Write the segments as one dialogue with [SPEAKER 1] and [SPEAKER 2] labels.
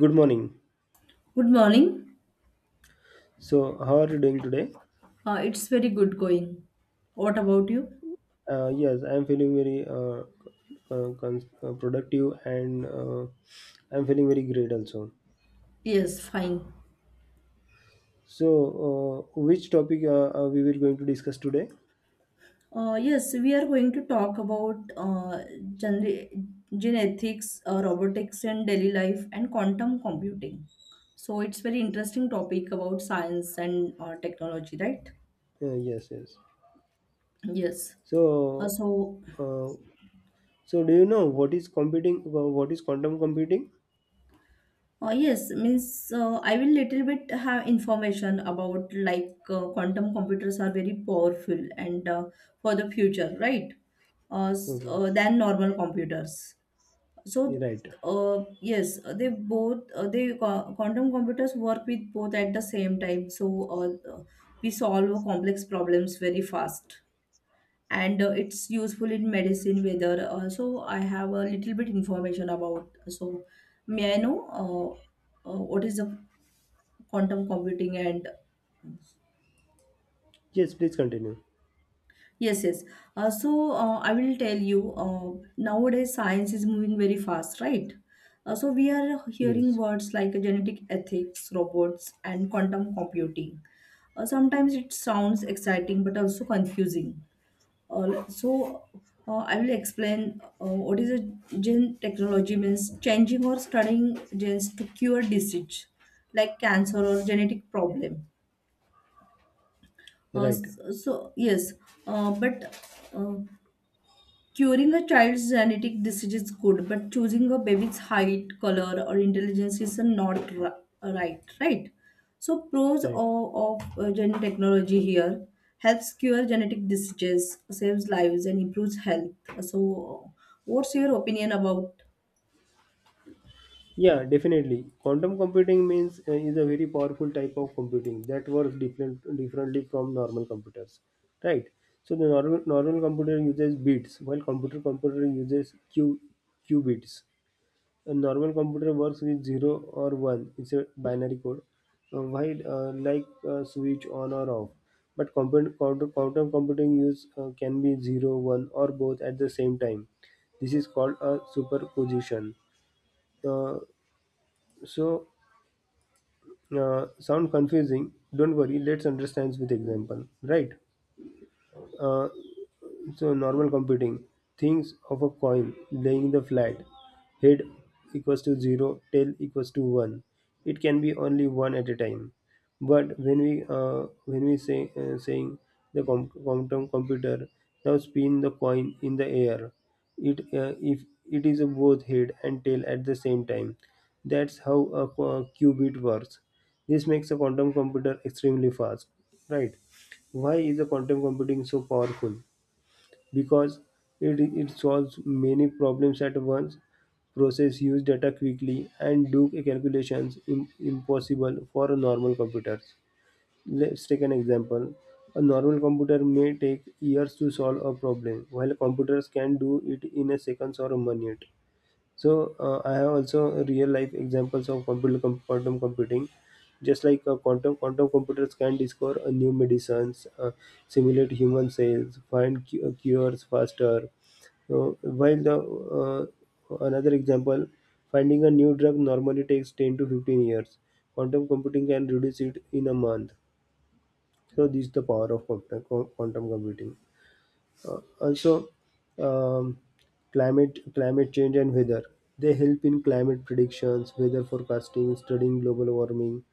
[SPEAKER 1] Good morning.
[SPEAKER 2] Good morning.
[SPEAKER 1] So, how are you doing today?
[SPEAKER 2] It's very good going. What about you?
[SPEAKER 1] Yes, I'm feeling very productive and I'm feeling very great also.
[SPEAKER 2] Yes, fine.
[SPEAKER 1] So, which topic are we were going to discuss today?
[SPEAKER 2] Yes, we are going to talk about gener- genetics, robotics in daily life, and quantum computing. So it's very interesting topic about science and technology, right?
[SPEAKER 1] Yes.
[SPEAKER 2] Yes. Uh,
[SPEAKER 1] So,
[SPEAKER 2] so
[SPEAKER 1] uh, so do you know what is What is quantum computing?
[SPEAKER 2] Yes, means I will little bit have information about like quantum computers are very powerful and for the future, right?
[SPEAKER 1] Okay,
[SPEAKER 2] Than normal computers. So
[SPEAKER 1] right.
[SPEAKER 2] yes, they both quantum computers work with both at the same time. So uh, uh, we solve complex problems very fast and it's useful in medicine whether so I have a little bit information about. So may I know what is the quantum computing? And
[SPEAKER 1] Yes, please continue.
[SPEAKER 2] Yes, yes, I will tell you, nowadays science is moving very fast, right? So we are hearing
[SPEAKER 1] Yes,
[SPEAKER 2] words like genetic ethics, robots, and quantum computing. Sometimes it sounds exciting but also confusing. Uh, so I will explain. What is a gene technology? Means changing or studying genes to cure disease like cancer or genetic problem. Uh,
[SPEAKER 1] right,
[SPEAKER 2] so, so yes, but uh, curing a child's genetic disease is good, but choosing a baby's height, color, or intelligence is not right, right? So, pros of,
[SPEAKER 1] right.
[SPEAKER 2] of gene technology here: helps cure genetic diseases, saves lives, and improves health. So, what's your opinion about?
[SPEAKER 1] Yeah, definitely. Quantum computing means is a very powerful type of computing that works differently from normal computers, right? So the normal computer uses bits, while computer uses q qubits. A normal computer works with zero or one. It's a binary code, while like switch on or off. But computer, quantum quantum computing use can be zero, one, or both at the same time. This is called a superposition. Uh, so Sound confusing? Don't worry, let's understand with example. Right, uh, so normal computing, things of a coin laying the flat, head equals to 0, tail equals to 1. It can be only one at a time. But when we say saying the com- quantum computer now spin the coin in the air. It If it is a both head and tail at the same time, that's how a qubit works. This makes a quantum computer extremely fast, right? Why is the quantum computing so powerful? Because it solves many problems at once, process huge data quickly, and do calculations impossible for a normal computers. Let's take an example. A normal computer may take years to solve a problem, while computers can do it in a seconds or a minute. So I have also real life examples of quantum computing. Just like quantum computers can discover new medicines, simulate human cells, find cures faster. So while the another example, finding a new drug normally takes 10 to 15 years. Quantum computing can reduce it in a month. So this is the power of quantum computing. Also, um, climate change and weather. They help in climate predictions, weather forecasting, studying global warming.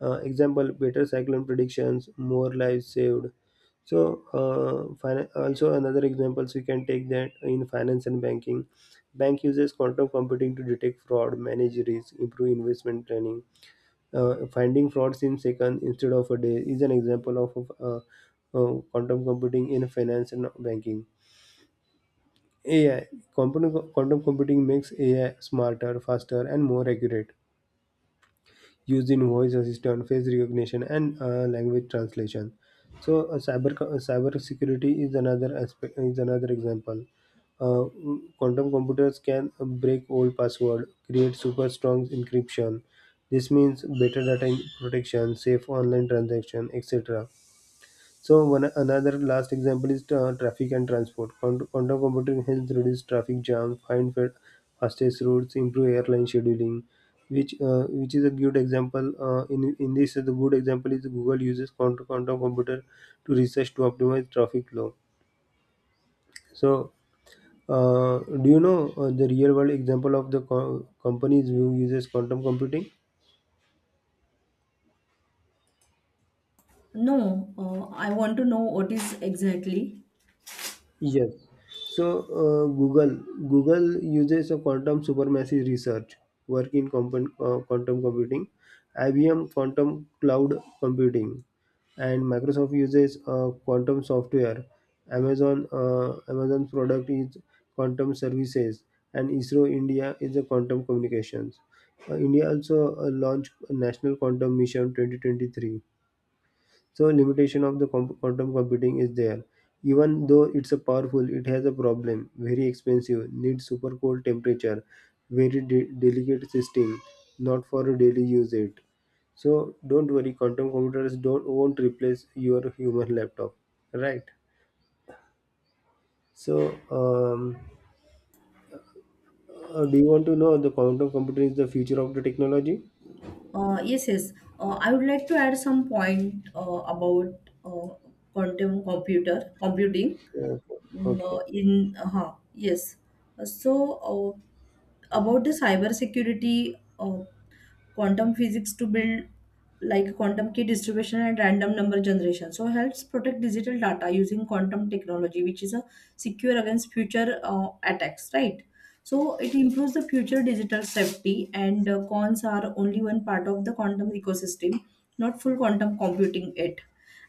[SPEAKER 1] Example: better cyclone predictions, more lives saved. So, also another examples we can take that in finance and banking. Bank uses quantum computing to detect fraud, manage risk, improve investment planning. Finding frauds in seconds instead of a day is an example of quantum computing in finance and banking. AI quantum, quantum computing makes AI smarter, faster, and more accurate, used in voice assistant, face recognition, and language translation. So, cyber security is another aspect, is another example. Uh, Quantum computers can break old password, create super strong encryption. This means better data protection, safe online transaction, etc. So one another last example is traffic and transport. Quantum computing helps reduce traffic jam, find fastest routes, improve airline scheduling, which is a good example. In this, the good example is Google uses quantum computer to research, to optimize traffic flow. So do you know the real world example of the companies who uses quantum computing?
[SPEAKER 2] No, I want to know what is exactly.
[SPEAKER 1] Yes. So Google uses a quantum supermassive research work in quantum computing, IBM quantum cloud computing, and Microsoft uses quantum software. Amazon's product is quantum services, and ISRO India is a quantum communications. India also launched a national quantum mission 2023. So limitation of the quantum computing is there. Even though it's a powerful, it has a problem. Very expensive, needs super cold temperature, very delicate system, not for a daily use it. So don't worry, quantum computers don't won't replace your human laptop, right? So um, do you want to know the quantum computing is the future of the technology?
[SPEAKER 2] Yes, yes. I would like to add some point about uh, quantum computer computing.
[SPEAKER 1] Okay.
[SPEAKER 2] Mm,
[SPEAKER 1] Okay.
[SPEAKER 2] in Yes. Uh, so about the cyber security, uh, quantum physics to build like quantum key distribution and random number generation, so helps protect digital data using quantum technology, which is a secure against future uh, attacks, right? So it improves the future digital safety, and cons are only one part of the quantum ecosystem, not full quantum computing it.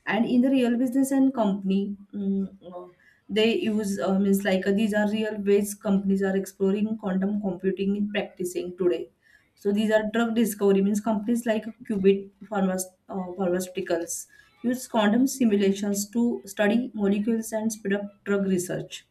[SPEAKER 2] And in the real business and company, mm, uh, they use means like these are real ways companies are exploring quantum computing in practicing today. So these are drug discovery. Means companies like qubit pharmaceuticals use quantum simulations to study molecules and speed up drug research.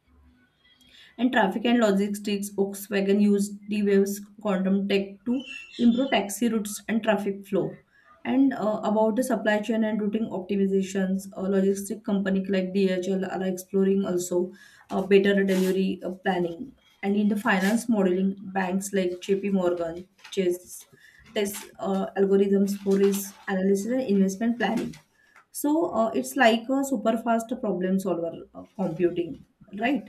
[SPEAKER 2] And traffic and logistics, Volkswagen used D-Wave's quantum tech to improve taxi routes and traffic flow. And about the supply chain and routing optimizations, logistic companies like DHL are exploring also better delivery planning. And in the finance modeling, banks like JP Morgan, Chase test algorithms for risk analysis and investment planning. So it's like a super fast problem solver computing, right?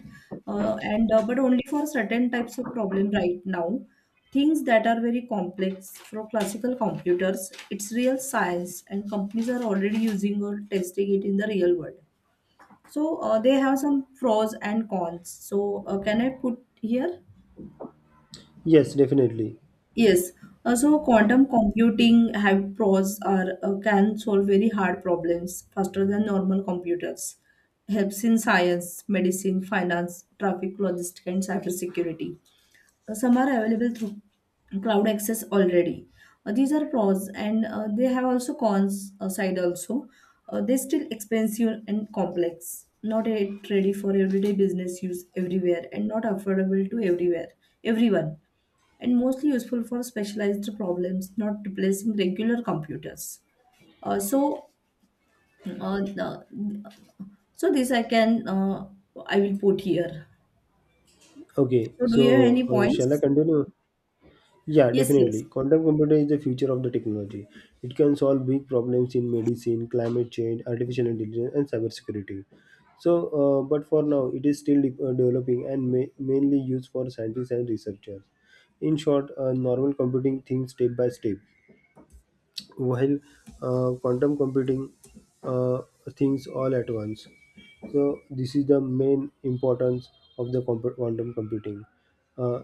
[SPEAKER 2] And but only for certain types of problem right now. Things that are very complex for classical computers, it's real science, and companies are already using or testing it in the real world. So they have some pros and cons. So can I put here?
[SPEAKER 1] Yes, definitely.
[SPEAKER 2] Yes, so quantum computing have pros are: can solve very hard problems faster than normal computers. Helps in science, medicine, finance, traffic, logistics, and cybersecurity. Some are available through cloud access already. These are pros, and they have also cons side also. They're still expensive and complex, not yet ready for everyday business use everywhere, and not affordable to everywhere, everyone, and mostly useful for specialized problems, not replacing regular computers. Uh, so, uh, the, so this I can I will put here.
[SPEAKER 1] Okay.
[SPEAKER 2] So, do you have
[SPEAKER 1] So,
[SPEAKER 2] any
[SPEAKER 1] shall I
[SPEAKER 2] points?
[SPEAKER 1] continue? Yeah,
[SPEAKER 2] Yes, yes.
[SPEAKER 1] definitely. Quantum computer is the future of the technology. It can solve big problems in medicine, climate change, artificial intelligence, and cybersecurity. So, but for now, it is still developing and mainly used for scientists and researchers. In short, normal computing thinks step by step, while quantum computing uh, thinks all at once. So, this is the main importance of the quantum computing. Uh,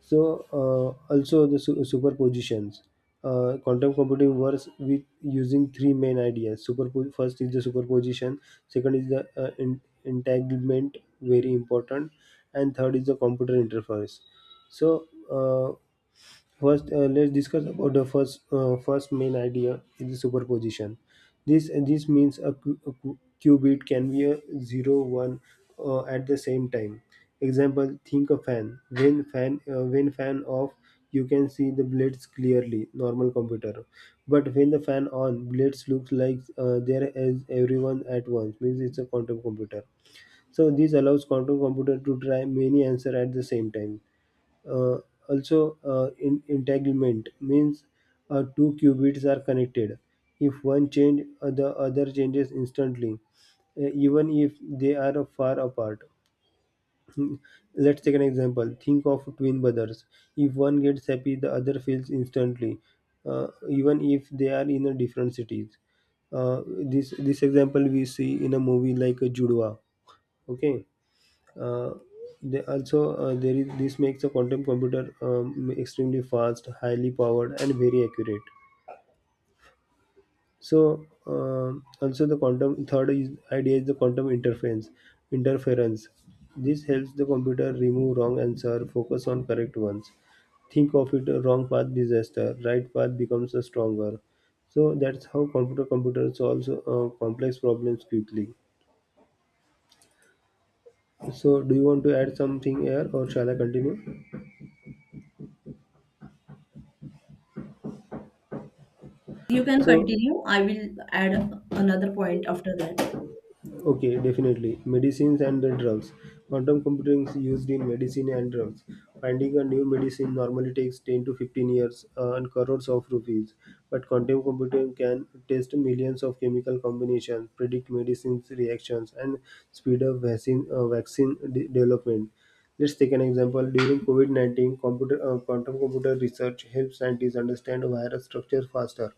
[SPEAKER 1] so also the superpositions. Quantum computing works with using three main ideas. First is the superposition. Second is the entanglement, very important, and third is the computer interface. So first, let's discuss about the first main idea in the superposition. This means a, qubit can be a zero one at the same time. Example: think a fan. When fan off, you can see the blades clearly. Normal computer, but when the fan on, blades looks like there is everyone at once. Means it's a quantum computer. So this allows quantum computer to try many answer at the same time. Uh, also, entanglement means two qubits are connected. If one change, the other changes instantly, even if they are far apart. Let's take an example. Think of twin brothers. If one gets happy, the other feels instantly, even if they are in a different cities. This example we see in a movie like a Judwa. Okay. Uh, they also there is this makes a quantum computer extremely fast, highly powered, and very accurate. So also the quantum idea is the quantum interference. Interference. This helps the computer remove wrong answer, focus on correct ones. Think of it a wrong path disaster, right path becomes a stronger. So that's how computer solves complex problems quickly. So do you want to add something here or shall I continue?
[SPEAKER 2] You can
[SPEAKER 1] So
[SPEAKER 2] continue. I will add another point after that.
[SPEAKER 1] okay, definitely. Medicines and the drugs. Quantum computing is used in medicine and drugs. Finding a new medicine normally takes 10 to 15 years and crores of rupees. But quantum computing can test millions of chemical combinations, predict medicines reactions, and speed up vaccine development. Let's take an example. During COVID 19, quantum computer research helps scientists understand virus structure faster.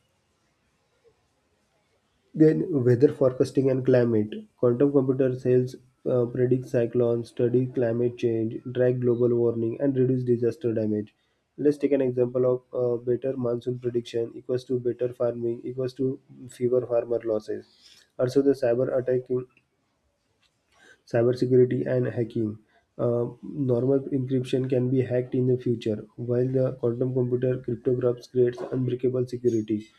[SPEAKER 1] Then, weather forecasting and climate. Quantum computer sales predict cyclones, study climate change, track global warming, and reduce disaster damage. Let's take an example of better monsoon prediction equals to better farming equals to fewer farmer losses. Also, the cyber attacking, cybersecurity and hacking. Normal encryption can be hacked in the future, while the quantum computer cryptographs creates unbreakable security,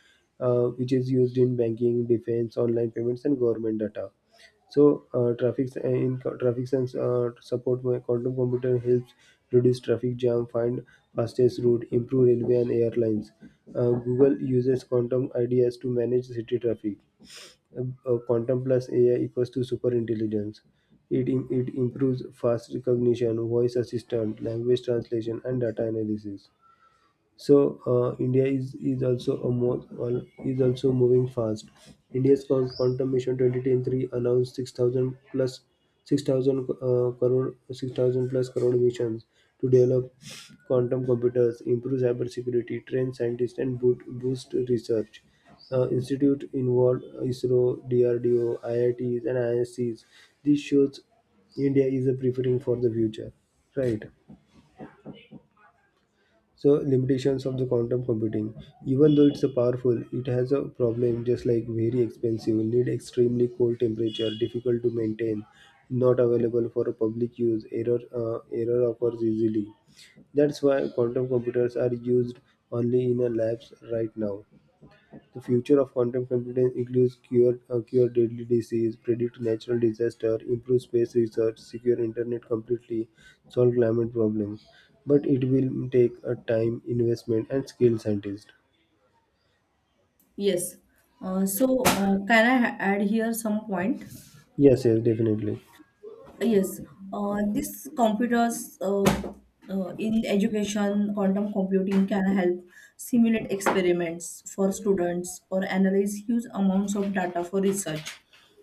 [SPEAKER 1] which is used in banking, defense, online payments, and government data. So, traffic s- in co- traffic sense support my quantum computer helps reduce traffic jam, find fastest route, improve railway and airlines. Google uses quantum ideas to manage city traffic. Quantum plus AI equals to super intelligence. It improves fast recognition, voice assistant, language translation, and data analysis. So India is also a is also moving fast. India's quantum mission 2023 announced 6,000 plus 6,000 plus crore missions to develop quantum computers, improve cybersecurity, train scientists, and boost research. Institute involved ISRO, DRDO, IITs, and ISCs. This shows India is a preparing for the future, right? So limitations of the quantum computing. Even though it's a powerful, it has a problem, just like very expensive, need extremely cold temperature, difficult to maintain, not available for public use, error occurs easily. That's why quantum computers are used only in a labs right now. The future of quantum computing includes cure deadly disease, predict natural disaster, improve space research, secure internet completely, solve climate problems. But it will take a time, investment, and skilled scientist.
[SPEAKER 2] Yes. Can I add here some point?
[SPEAKER 1] Yes, yes, definitely.
[SPEAKER 2] Yes. This computers In education, quantum computing can help simulate experiments for students or analyze huge amounts of data for research.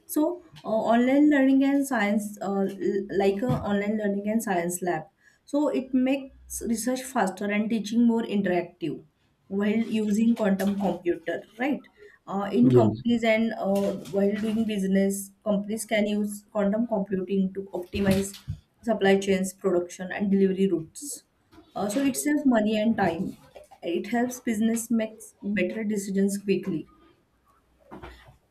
[SPEAKER 2] So, online learning and science, like a online learning and science lab. So, it makes research faster and teaching more interactive while using quantum computer, right? In
[SPEAKER 1] Yes,
[SPEAKER 2] companies and while doing business, companies can use quantum computing to optimize supply chains, production, and delivery routes. So it saves money and time. It helps business make better decisions quickly.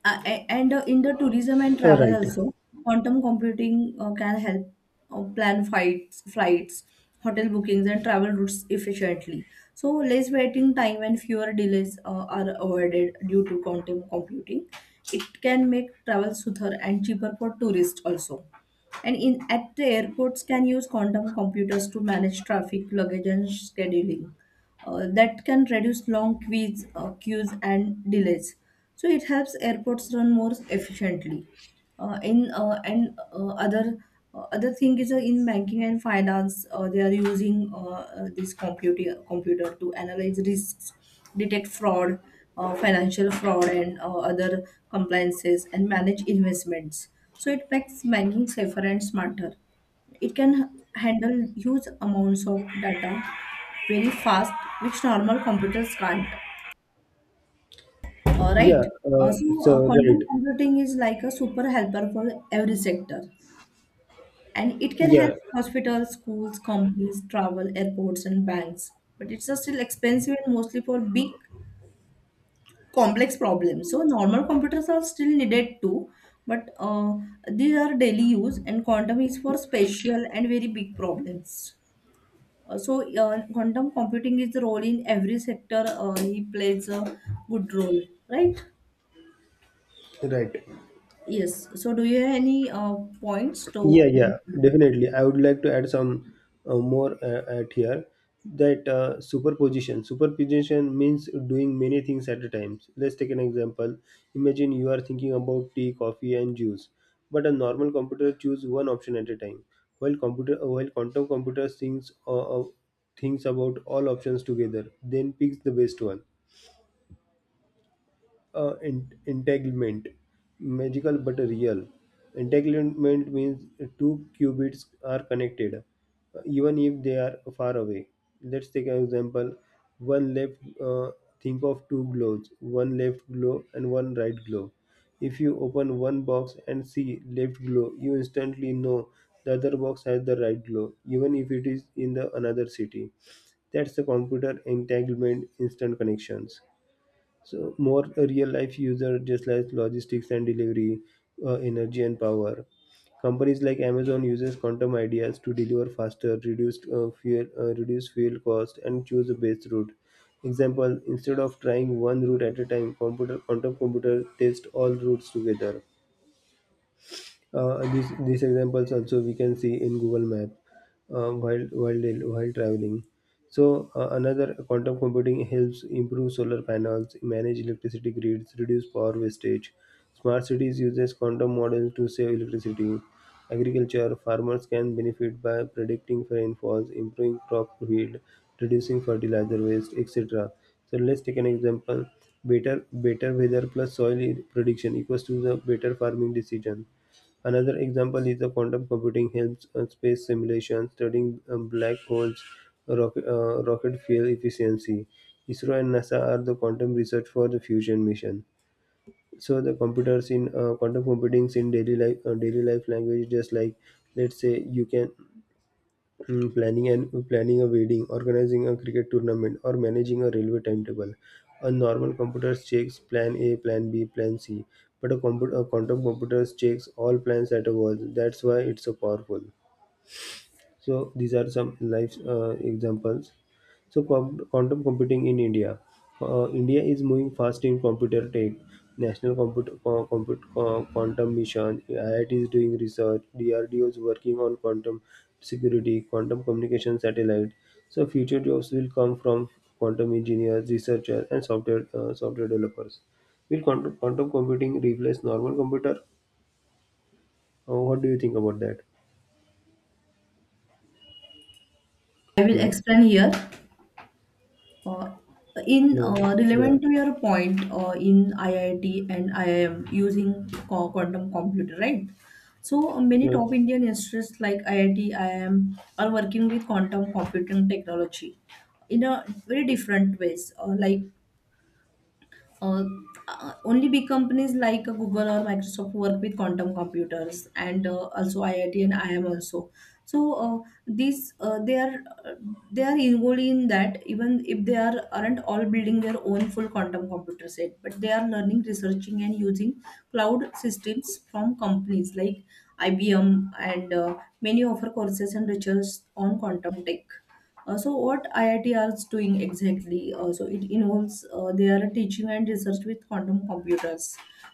[SPEAKER 2] And in the tourism and travel
[SPEAKER 1] right.
[SPEAKER 2] also, quantum computing can help plan flights, hotel bookings, and travel routes efficiently. So less waiting time and fewer delays are avoided due to quantum computing. It can make travel smoother and cheaper for tourists also. And in at the airports can use quantum computers to manage traffic, luggage, and scheduling. That can reduce long queues and delays. So it helps airports run more efficiently. In and other Other thing is, in banking and finance, they are using this computer to analyze risks, detect fraud, financial fraud, and other compliances, and manage investments. So it makes banking safer and smarter. It can handle huge amounts of data very fast, which normal computers can't, right.
[SPEAKER 1] Yeah, so right.
[SPEAKER 2] Quantum computing is like a super helper for every sector, and it can help
[SPEAKER 1] Yeah,
[SPEAKER 2] hospitals, schools, companies, travel, airports, and banks. But it's just still expensive and mostly for big, complex problems. So, normal computers are still needed too, but these are daily use, and quantum is for special and very big problems. Quantum computing is the role in every sector. He plays a good role, right?
[SPEAKER 1] right.
[SPEAKER 2] Yes. So, do you have any points to?
[SPEAKER 1] Yeah, yeah, definitely. I would like to add some more at here that superposition. Superposition means doing many things at a time. Let's take an example. Imagine you are thinking about tea, coffee, and juice, but a normal computer choose one option at a time, while computer while quantum computer thinks thinks about all options together, then picks the best one. Entanglement, magical but real. Entanglement means two qubits are connected, even if they are far away. Let's take an example. One left Think of two globes, one left globe and one right globe. If you open one box and see left globe, you instantly know the other box has the right globe, even if it is in the another city. That's the computer entanglement, instant connections. So more real life user, just like logistics and delivery, energy and power. Companies like Amazon uses quantum ideas to deliver faster, reduce reduce fuel cost, and choose the best route. Example: instead of trying one route at a time, computer quantum computer test all routes together. These examples also we can see in Google Map while traveling. So another quantum computing helps improve solar panels, manage electricity grids, reduce power wastage. Smart cities uses quantum models to save electricity. Agriculture farmers can benefit by predicting rainfalls, improving crop yield, reducing fertilizer waste, etc. So let's take an example. Better weather plus soil prediction equals to the better farming decision. Another example is the quantum computing helps space simulation, studying black holes, rocket fuel efficiency. ISRO and NASA are the quantum research for the fusion mission. So the computers in quantum computing in daily life language, just like let's say you can, mm, planning and planning a wedding, organizing a cricket tournament, or managing a railway timetable. A normal computer checks plan A, plan B, plan C, but a quantum computer checks all plans at once. That's why it's so powerful. So these are some life examples. So quantum computing in India. India is moving fast in computer tech. National Computer co- comput- co- Quantum Mission, IIT is doing research, DRDO is working on quantum security, quantum communication satellite. So future jobs will come from quantum engineers, researchers, and software software developers. Will quantum computing replace normal computer? What do you think about that?
[SPEAKER 2] I will
[SPEAKER 1] Hello,
[SPEAKER 2] explain here. Uh, in
[SPEAKER 1] hello, yeah.
[SPEAKER 2] Relevant to your point, in IIT and IIM using quantum computer, right? So many
[SPEAKER 1] Yeah.
[SPEAKER 2] top Indian institutes like IIT, IIM are working with quantum computing technology in a very different ways. Uh, Only big companies like Google or Microsoft work with quantum computers, and also IIT and IIM also. So these they are involved in that, even if they are aren't all building their own full quantum computer set, but they are learning, researching, and using cloud systems from companies like IBM, and many offer courses and research on quantum tech. So what IIT is doing exactly? So it involves their teaching and research with quantum computers.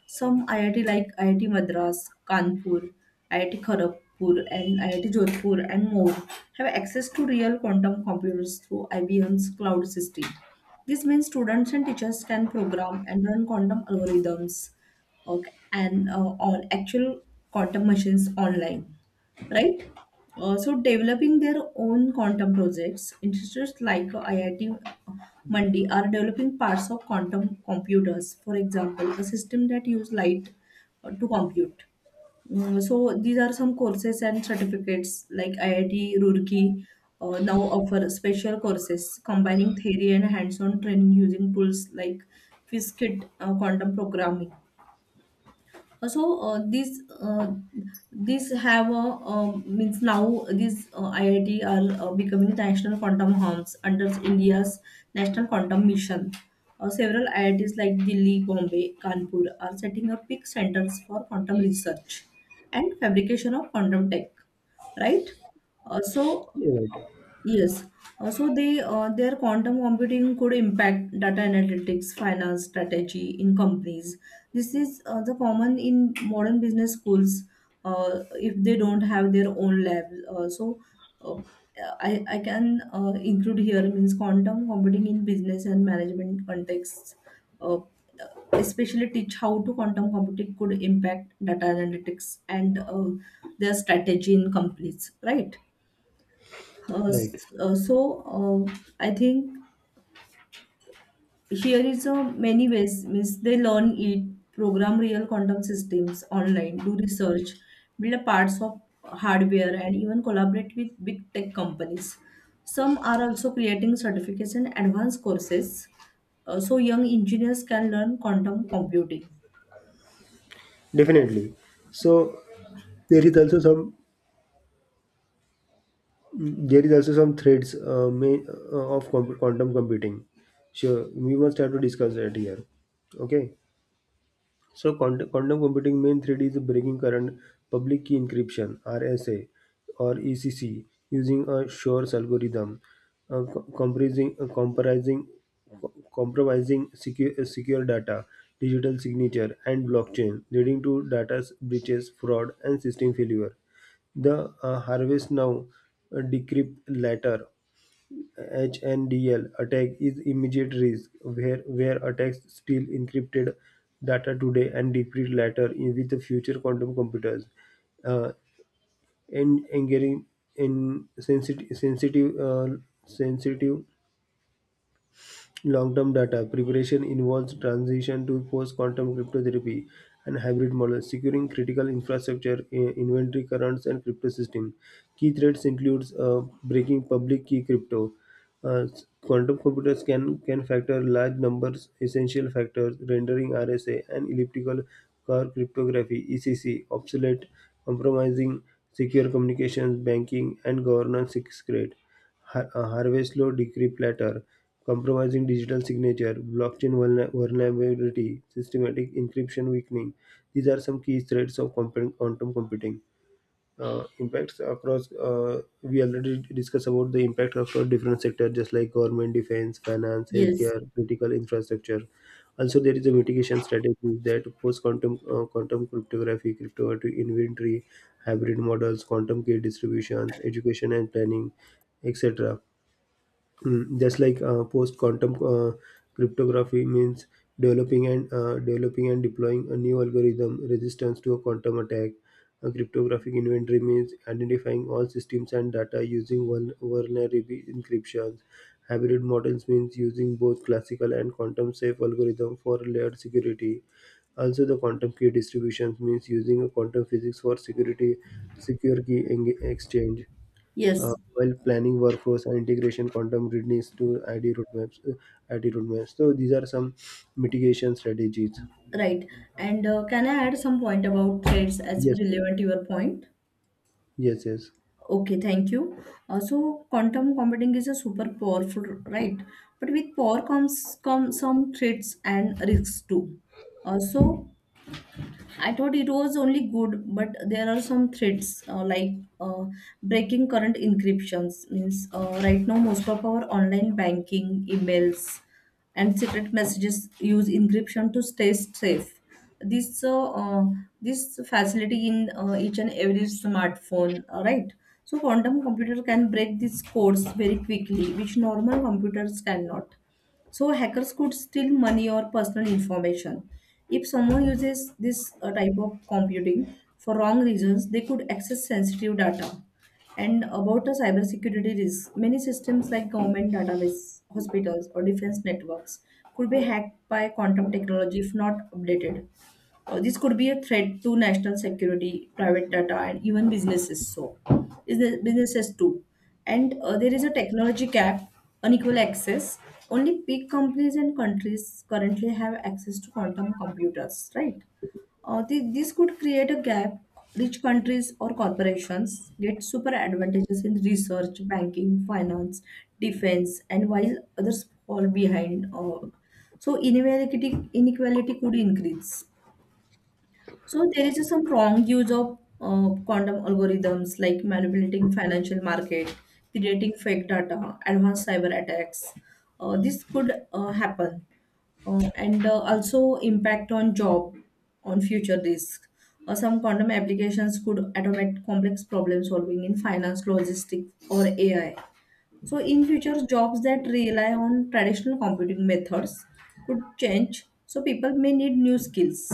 [SPEAKER 2] Some IIT like IIT Madras, Kanpur, IIT Kharagpur, and IIT Jodhpur and more have access to real quantum computers through IBM's cloud system. This means students and teachers can program and run quantum algorithms, okay, and on actual quantum machines online, right? So developing their own quantum projects, institutes like IIT Mandi are developing parts of quantum computers. For example, a system that use light to compute. So these are some courses and certificates like IIT Roorkee now offer special courses combining theory and hands-on training using tools like Quiz Kit, quantum programming. so uh, this uh, this have a means now these IIT are becoming national quantum hubs under India's National Quantum Mission. Several IITs like Delhi, Bombay, Kanpur are setting up big centers for quantum research and fabrication of quantum tech. Right? Uh, so
[SPEAKER 1] Right,
[SPEAKER 2] Yes. Also, they their quantum computing could impact data analytics, finance strategy in companies. This is the common in modern business schools if they don't have their own labs. Uh, I can include here means quantum computing in business and management contexts. Uh, Especially teach how to quantum computing could impact data analytics and their strategy in companies, right? Uh,
[SPEAKER 1] right,
[SPEAKER 2] s- uh, so uh, I think here is a many ways, means they learn it, program real quantum systems online, do research, build a parts of hardware, and even collaborate with big tech companies. Some are also creating certificates and advanced courses, so young engineers can learn quantum computing,
[SPEAKER 1] definitely. So there is also some there is also some threads quantum computing. Sure, we must have to discuss that here. Okay. So quantum computing main thread is breaking current public key encryption (RSA) or ECC using a Shor's algorithm, uh, co- comprising, uh, comprising, compromising secure data, digital signature, and blockchain, leading to data breaches, fraud, and system failure. The harvest now, decrypt later HNDL attack is immediate risk, where attacks steal encrypted data today and decrypt later in, with the future quantum computers. Uh, and getting in sensitive, sensitive, sensitive Long-term data preparation involves transition to post-quantum cryptography and hybrid models, securing critical infrastructure, inventory currents, and crypto system. Key threats includes breaking public key crypto. Quantum computers can factor large numbers, essential factors, rendering RSA and elliptical curve cryptography (ECC) obsolete, compromising secure communications, banking, and governance. Sixth, harvest low degree platter, compromising digital signature, blockchain vulnerability, systematic encryption weakening. These are some key threats of quantum computing. Impacts across, we already discussed about the impact across different sectors, just like government, defense, finance,
[SPEAKER 2] yes,
[SPEAKER 1] healthcare, critical infrastructure. Also there is a mitigation strategy: that post quantum, quantum cryptography, cryptography inventory, hybrid models, quantum key distributions, education and planning, etc. Mm, just like post quantum cryptography means developing and deploying a new algorithm resistance to a quantum attack. A cryptographic inventory means identifying all systems and data using one vulnerable encryptions. Hybrid models means using both classical and quantum safe algorithm for layered security. Also, the quantum key distributions means using a quantum physics for security, secure key exchange. Uh,
[SPEAKER 2] yes,
[SPEAKER 1] while planning workflows and integration quantum readiness to ID roadmaps, ID roadmaps. So these are some mitigation strategies.
[SPEAKER 2] right. And can I add some point about threads as
[SPEAKER 1] Yes, sir.
[SPEAKER 2] relevant to your point?
[SPEAKER 1] Yes, yes.
[SPEAKER 2] Okay, thank you. So quantum computing is a super powerful, right? But with power comes come some threats and risks too. So I thought it was only good, but there are some threats like, uh, breaking current encryptions. Means right now most of our online banking, emails, and secret messages use encryption to stay safe. This uh, uh, this facility in each and every smartphone, right? So quantum computer can break these codes very quickly, which normal computers cannot. So hackers could steal money or personal information. If someone uses this type of computing for wrong reasons, they could access sensitive data. And about the cybersecurity risk, many systems like government database, hospitals, or defense networks could be hacked by quantum technology if not updated. This could be a threat to national security, private data, and even businesses. So, is the businesses too. And There is a technology gap, unequal access. Only big companies and countries currently have access to quantum computers, right? This could create a gap. Rich countries or corporations get super advantages in research, banking, finance, defense, and while others fall behind. So inequality could increase. So there is some wrong use of quantum algorithms like manipulating financial market, creating fake data, advanced cyber attacks. This could happen. And Also impact on job, on future risk. Some quantum applications could automate complex problem solving in finance, logistics, or AI. So in future, jobs that rely on traditional computing methods could change. So people may need new skills.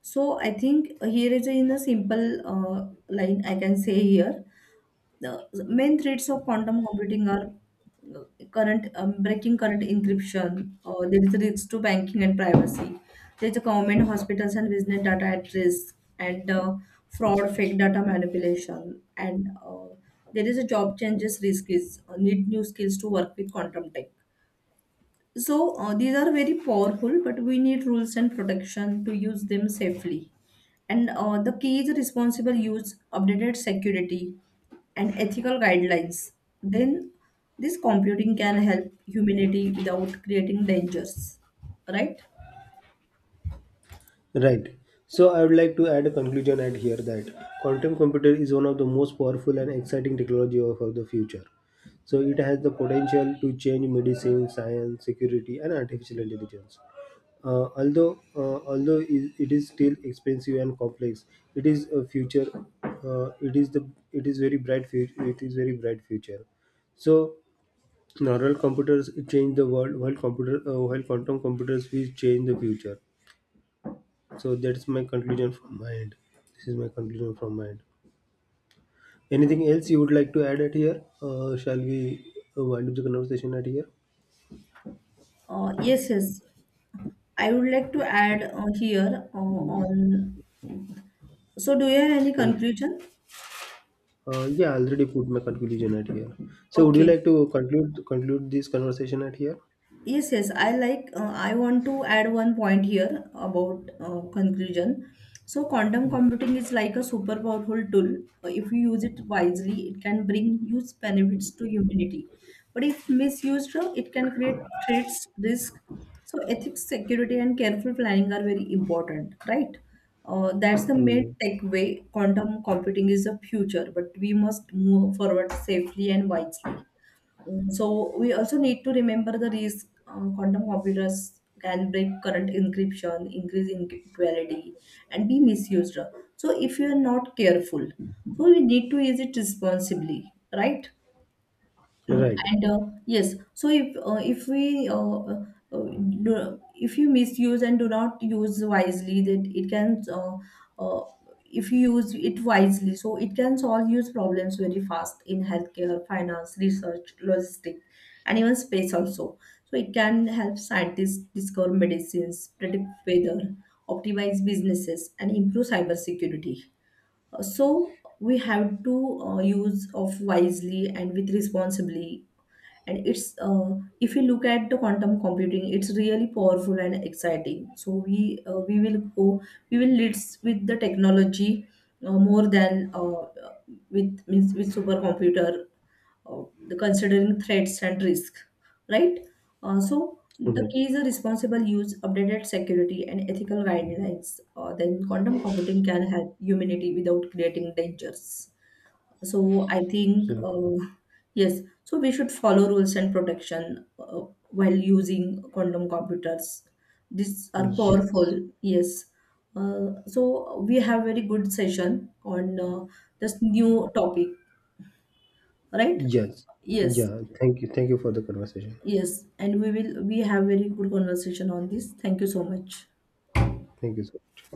[SPEAKER 2] So I think here is in a simple line I can say here the main threats of quantum computing are uh, current breaking current encryption. There is a risk to banking and privacy. There is a government, hospitals, and business data at risk, and fraud, fake data manipulation, and there is a job changes risk is need new skills to work with quantum tech. So these are very powerful, but we need rules and protection to use them safely. And The key is responsible use, updated security, and ethical guidelines. Then this computing can help humanity without creating dangers, right?
[SPEAKER 1] Right. So I would like to add a conclusion at here, that quantum computer is one of the most powerful and exciting technology of the future. So it has the potential to change medicine, science, security, and artificial intelligence. Although it is still expensive and complex, it is a future. Uh, it is the it is very bright future. It is very bright future. So neural computers change the world, while computer while quantum computers will change the future. So that's my conclusion from my end. This is my conclusion from my end. Anything else you would like to add at here? Shall we wind up the conversation at here?
[SPEAKER 2] Yes, yes. I would like to add here on. So, do you have any
[SPEAKER 1] Can,
[SPEAKER 2] conclusion?
[SPEAKER 1] Yeah, I already put my conclusion at here. So, would you
[SPEAKER 2] Okay.
[SPEAKER 1] like to conclude this conversation at here?
[SPEAKER 2] Yes, yes. I like. I want to add one point here about conclusion. So, quantum computing is like a super powerful tool. If you use it wisely, it can bring huge benefits to humanity. But if misused, it can create threats, risk. So, ethics, security, and careful planning are very important, right? That's the main
[SPEAKER 1] Mm.
[SPEAKER 2] takeaway. Quantum computing is the future, but we must move forward safely and wisely. Mm, so we also need to remember the risk, quantum computers can break current encryption, increase inequality, and be misused. So if you are not careful, so we need to use it responsibly, right?
[SPEAKER 1] Yeah. Right.
[SPEAKER 2] And yes, so if we do, If you misuse and do not use wisely, that it can uh, if you use it wisely, so it can solve use problems very fast in healthcare, finance, research, logistic, and even space also. So it can help scientists discover medicines, predict weather, optimize businesses, and improve cybersecurity. So we have to use of wisely and with responsibly and it's if you look at the quantum computing, it's really powerful and exciting. So we will leads with the technology more than with means with supercomputer, uh, the considering threats and risk, right? So the
[SPEAKER 1] Right.
[SPEAKER 2] key is a responsible use, updated security, and ethical guidelines. Then quantum computing can help humanity without creating dangers. So I think,
[SPEAKER 1] So,
[SPEAKER 2] yes, so we should follow rules and protection while using quantum computers. These are
[SPEAKER 1] yes,
[SPEAKER 2] powerful. Yes. So we have very good session on this new topic, right?
[SPEAKER 1] yes,
[SPEAKER 2] Yes,
[SPEAKER 1] yeah. Thank you. Thank you for the conversation.
[SPEAKER 2] yes, and we have very good conversation on this. Thank you so much.
[SPEAKER 1] Thank you so much.